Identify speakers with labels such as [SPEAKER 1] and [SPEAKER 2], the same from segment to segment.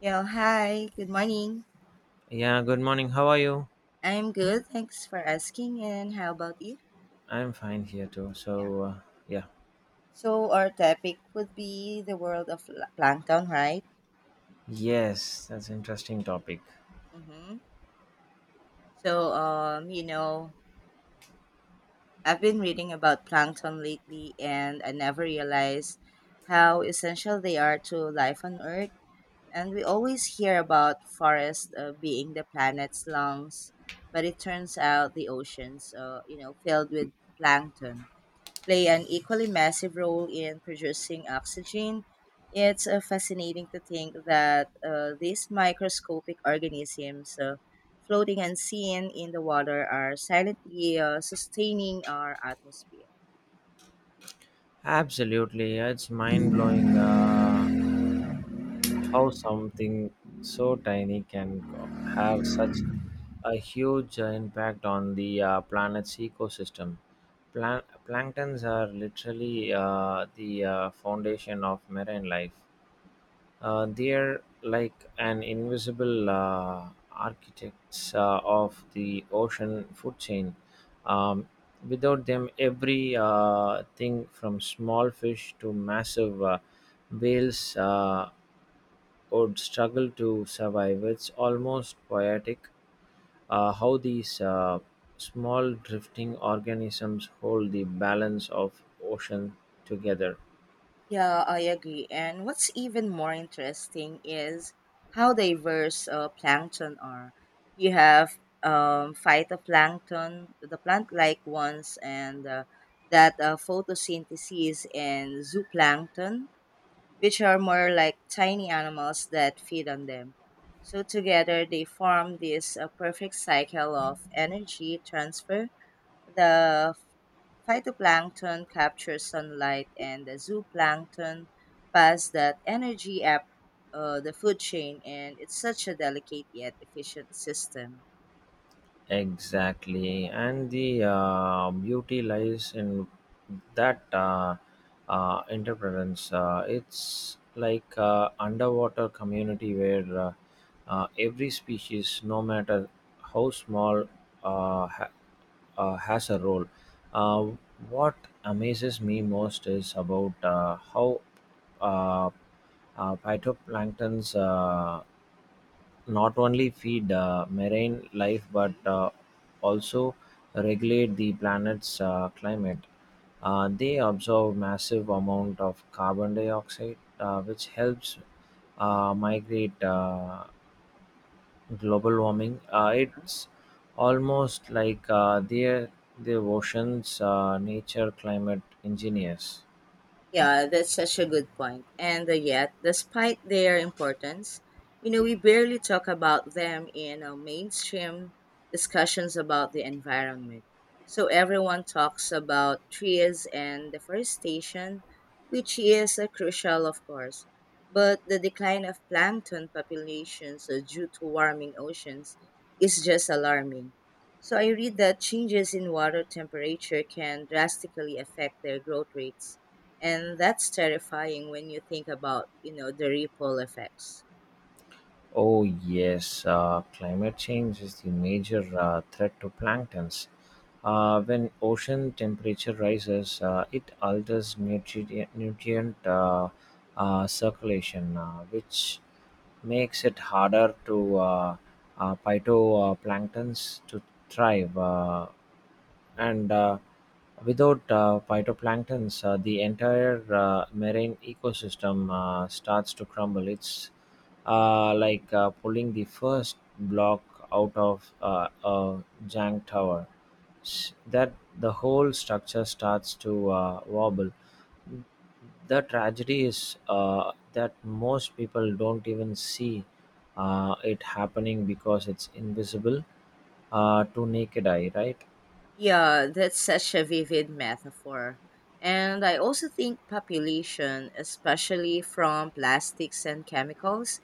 [SPEAKER 1] Yeah, hi, good morning.
[SPEAKER 2] Yeah, good morning. How are you?
[SPEAKER 1] I'm good, thanks for asking. And how about you?
[SPEAKER 2] I'm fine here too.
[SPEAKER 1] Yeah.
[SPEAKER 2] Yeah.
[SPEAKER 1] So our topic would be the world of plankton, right?
[SPEAKER 2] Yes, that's an interesting topic.
[SPEAKER 1] Mm-hmm. So um, you know, I've been reading about plankton lately, and I never realized how essential they are to life on Earth. And we always hear about forests being the planet's lungs, but it turns out the oceans, filled with plankton play an equally massive role in producing oxygen. It's fascinating to think that these microscopic organisms floating unseen in the water are silently sustaining our atmosphere.
[SPEAKER 2] Absolutely. It's mind blowing, how something so tiny can have such a huge impact on the planet's ecosystem. Plan- Planktons are literally the foundation of marine life. They're like an invisible architects of the ocean food chain. Um, Without them, every thing from small fish to massive whales would struggle to survive. It's almost poetic, how these small drifting organisms hold the balance of ocean together.
[SPEAKER 1] Yeah, I agree. And what's even more interesting is how diverse plankton are. You have phytoplankton, the plant-like ones, and that photosynthesis, and zooplankton, which are more like tiny animals that feed on them. So together, they form this perfect cycle of energy transfer. The Phytoplankton capture sunlight, and the zooplankton pass that energy up the food chain, and it's such a delicate yet efficient system.
[SPEAKER 2] Exactly, and the beauty lies in that interference. It's like underwater community where, every species, no matter how small, uh, ha- has a role. Uh, what amazes me most is about how uh, phytoplanktons not only feed marine life but
[SPEAKER 1] Mhm.
[SPEAKER 2] also regulate the planet's climate. They absorb massive amount of carbon dioxide, which helps migrate global warming. It's almost like they're the ocean's nature climate engineers.
[SPEAKER 1] Yeah, that's such a good point. And yet, despite their importance, we barely talk about them in mainstream discussions about the environment. So everyone talks about trees and deforestation, which is crucial, of course. But the decline of plankton populations due to warming oceans is just alarming. So I read that changes in water temperature can drastically affect their growth rates, and that's terrifying when you think about, the ripple effects.
[SPEAKER 2] Oh, yes, climate change is the major threat to planktons. When ocean temperature rises, it alters nutrient circulation, which makes it harder to phytoplanktons to thrive. And without phytoplanktons, the entire marine ecosystem starts to crumble. It's like pulling the first block out of a jank tower. That the whole structure starts to wobble. The tragedy is that most people don't even see it happening because it's invisible to naked eye, right?
[SPEAKER 1] Yeah, that's such a vivid metaphor. And I also think population, especially from plastics and chemicals.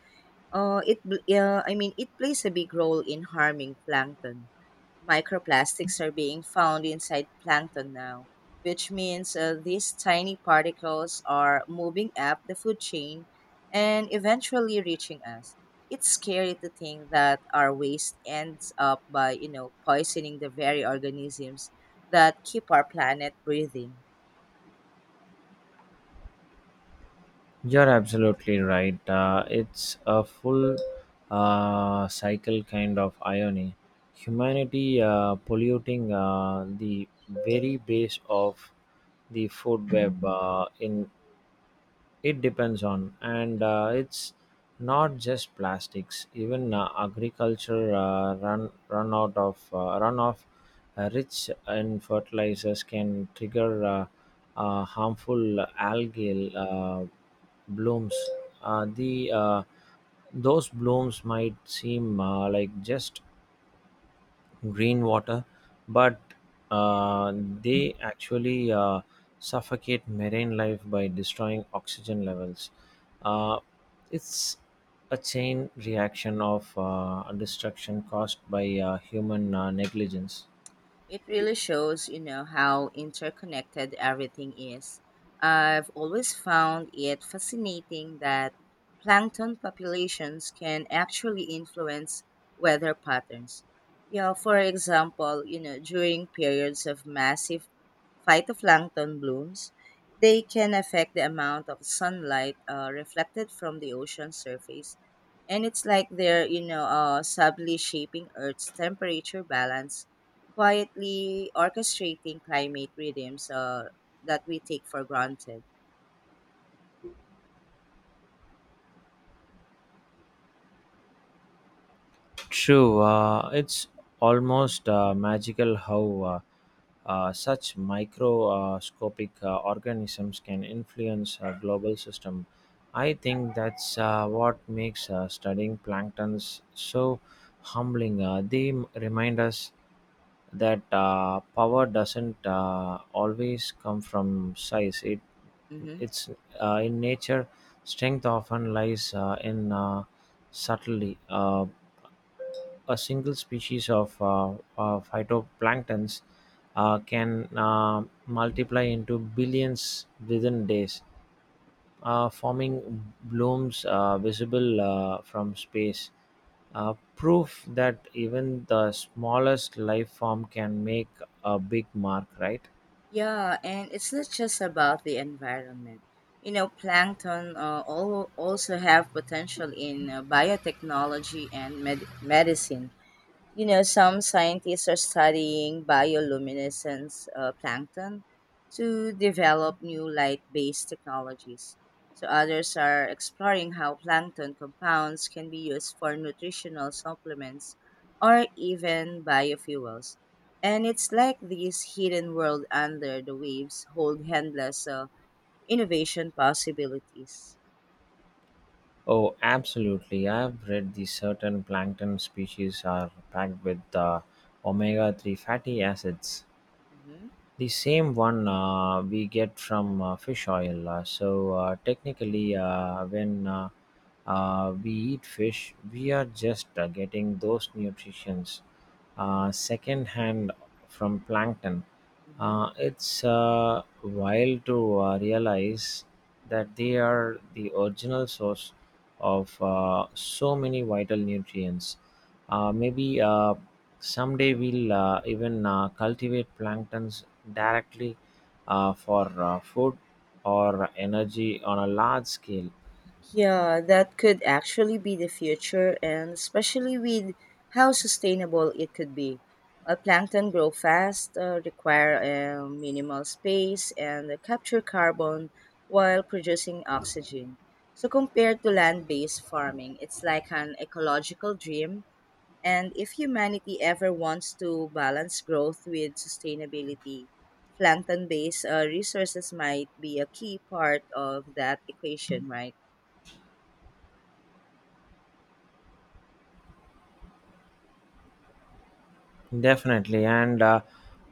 [SPEAKER 1] I mean, it plays a big role in harming plankton. Microplastics are being found inside plankton now, which means these tiny particles are moving up the food chain and eventually reaching us. It's scary to think that our waste ends up by, poisoning the very organisms that keep our planet breathing.
[SPEAKER 2] You're absolutely right. It's a full cycle kind of irony. Humanity polluting the very base of the food web in it depends on, and it's not just plastics. Even agriculture run run out of run off rich in fertilizers can trigger harmful algal blooms. The Those blooms might seem like just green water, but they actually suffocate marine life by destroying oxygen levels. Uh, it's a chain reaction of destruction caused by human negligence.
[SPEAKER 1] It really shows, how interconnected everything is. I've always found it fascinating that plankton populations can actually influence weather patterns. For example, during periods of massive phytoplankton blooms, they can affect the amount of sunlight reflected from the ocean surface. And it's like they're, subtly shaping Earth's temperature balance, quietly orchestrating climate rhythms that we take for granted.
[SPEAKER 2] True, it's almost magical how such microscopic organisms can influence a global system. I think that's what makes studying planktons so humbling. They remind us that power doesn't always come from size. It
[SPEAKER 1] Hmm.
[SPEAKER 2] it's in nature. Strength often lies in subtlety. A single species of phytoplanktons can multiply into billions within days, forming blooms visible from space, Uh, proof that even the smallest life form can make a big mark, right?
[SPEAKER 1] Yeah, and it's not just about the environment. Plankton also have potential in biotechnology and medicine. Some scientists are studying bioluminescence plankton to develop new light based technologies. So, others are exploring how plankton compounds can be used for nutritional supplements or even biofuels. And it's like this hidden world under the waves hold endless innovation possibilities.
[SPEAKER 2] Oh, absolutely. I've read the certain plankton species are packed with omega 3 fatty acids,
[SPEAKER 1] Hmm.
[SPEAKER 2] the same one we get from fish oil. So technically, when we eat fish, we are just getting those nutrients secondhand from plankton. It's wild to realize that they are the original source of so many vital nutrients. Maybe someday we'll even cultivate planktons directly for food or energy on a large scale.
[SPEAKER 1] Yeah, that could actually be the future, and especially with how sustainable it could be. Plankton grow fast, require minimal space, and capture carbon while producing oxygen. So, compared to land based farming, it's like an ecological dream. And if humanity ever wants to balance growth with sustainability, plankton based resources might be a key part of that equation, right?
[SPEAKER 2] Definitely, and uh,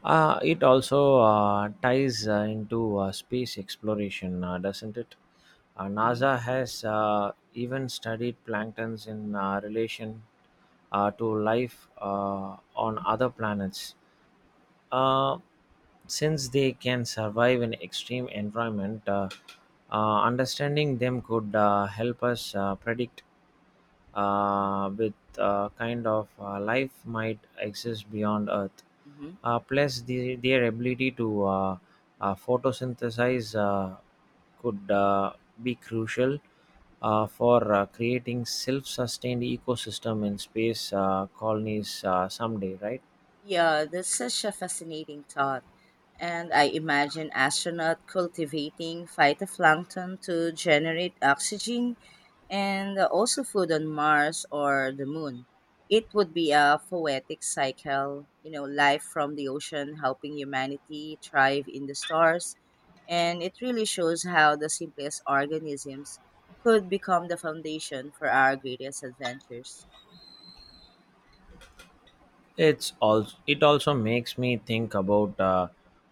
[SPEAKER 2] uh, it also ties into space exploration, doesn't it?
[SPEAKER 1] Mm-hmm.
[SPEAKER 2] NASA has even studied planktons in relation to life on other planets, uh, since they can survive in extreme environment. Understanding them could help us predict with kind of life might exist beyond earth,
[SPEAKER 1] Mhm.
[SPEAKER 2] plus their ability to photosynthesize could be crucial for creating self-sustained ecosystem in space colonies someday, right?
[SPEAKER 1] Yeah, that's such a fascinating thought. And I imagine astronaut cultivating phytoplankton to generate oxygen and also food on Mars or the moon. It would be a poetic cycle, life from the ocean helping humanity thrive in the stars. And it really shows how the simplest organisms could become the foundation for our greatest adventures.
[SPEAKER 2] It also makes me think about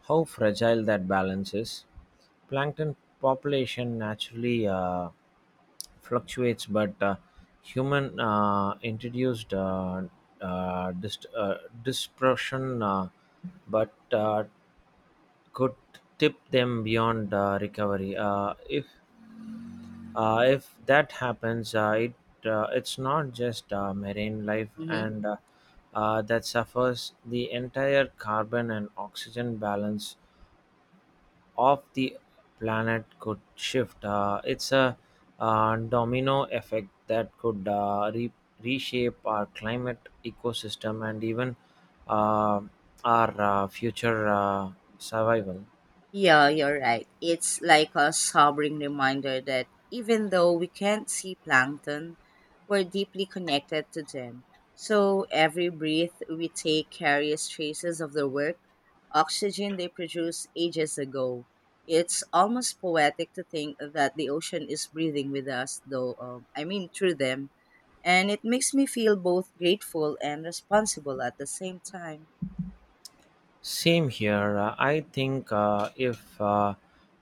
[SPEAKER 2] how fragile that balance is. Plankton population naturally fluctuates, but human introduced uh, dis- uh, dispersion, but could tip them beyond recovery. If that happens, it's not just marine life
[SPEAKER 1] Mhm.
[SPEAKER 2] and that suffers. The entire carbon and oxygen balance of the planet could shift. It's a domino effect that could reshape our climate, ecosystem, and even uh, our future survival.
[SPEAKER 1] Yeah, you're right. It's like a sobering reminder that even though we can't see plankton, we're deeply connected to them. So every breath we take carries traces of their work, oxygen they produced ages ago. It's almost poetic to think that the ocean is breathing with us, though, through them. And it makes me feel both grateful and responsible at the same time.
[SPEAKER 2] Same here. I think if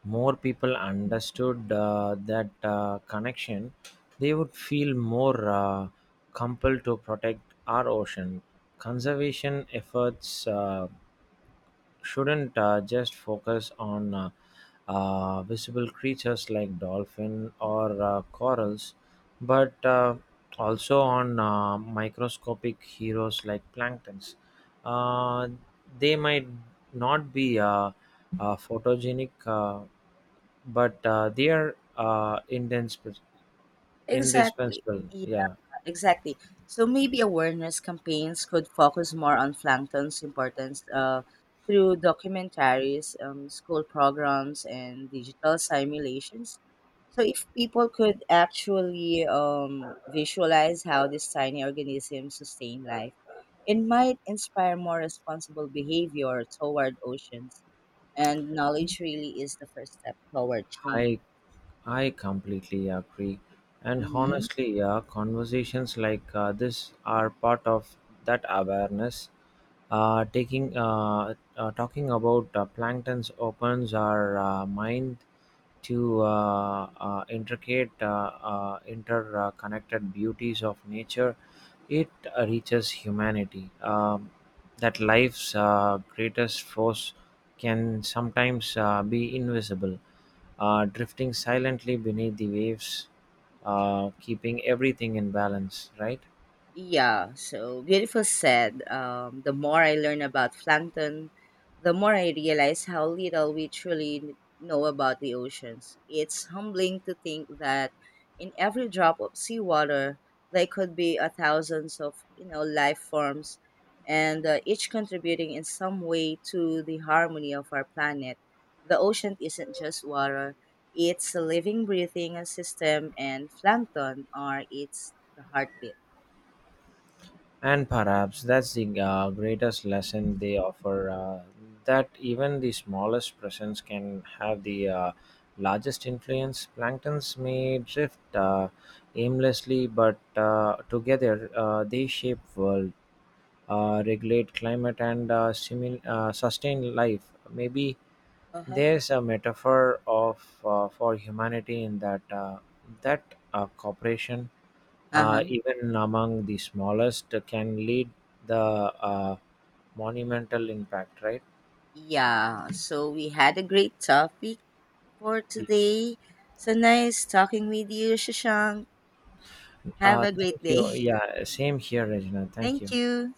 [SPEAKER 2] more people understood that connection, they would feel more compelled to protect our ocean. Conservation efforts shouldn't just focus on visible creatures like dolphin or corals, but also on microscopic heroes like planktons. Uh, they might not be photogenic, but they are indispens-
[SPEAKER 1] Exactly.
[SPEAKER 2] indispensable. Yeah.
[SPEAKER 1] Exactly. So maybe awareness campaigns could focus more on plankton's importance through documentaries, school programs, and digital simulations. So if people could actually visualize how these tiny organisms sustain life, it might inspire more responsible behavior toward oceans. And knowledge really is the first step toward change.
[SPEAKER 2] I I completely agree. And
[SPEAKER 1] Mhm.
[SPEAKER 2] honestly, yeah, conversations like this are part of that awareness. Taking Talking about planktons opens our mind to intricate interconnected beauties of nature. It reaches humanity, that life's greatest force can sometimes be invisible, drifting silently beneath the waves, keeping everything in balance, right?
[SPEAKER 1] Yeah, so beautiful said. The more I learn about Plankton, the more I realize how little we truly know about the oceans. It's humbling to think that in every drop of seawater, there could be a thousands of life forms, and each contributing in some way to the harmony of our planet. The ocean isn't just water; it's a living, breathing system, and plankton are its the heartbeat.
[SPEAKER 2] And perhaps that's the greatest lesson they offer, that even the smallest presence can have the largest influence. Planktons may drift aimlessly, but together they shape world, regulate climate, and sustain life. Maybe
[SPEAKER 1] Uh-huh.
[SPEAKER 2] there's a metaphor of for humanity in that cooperation,
[SPEAKER 1] Uh-huh.
[SPEAKER 2] even among the smallest, can lead the monumental impact, right?
[SPEAKER 1] Yeah, so we had a great topic for
[SPEAKER 2] Yes.
[SPEAKER 1] today. So nice talking with you, Shashank. Have a
[SPEAKER 2] Thank
[SPEAKER 1] great day.
[SPEAKER 2] you. Yeah, same here, Regina. Thank
[SPEAKER 1] Thank
[SPEAKER 2] you.
[SPEAKER 1] you.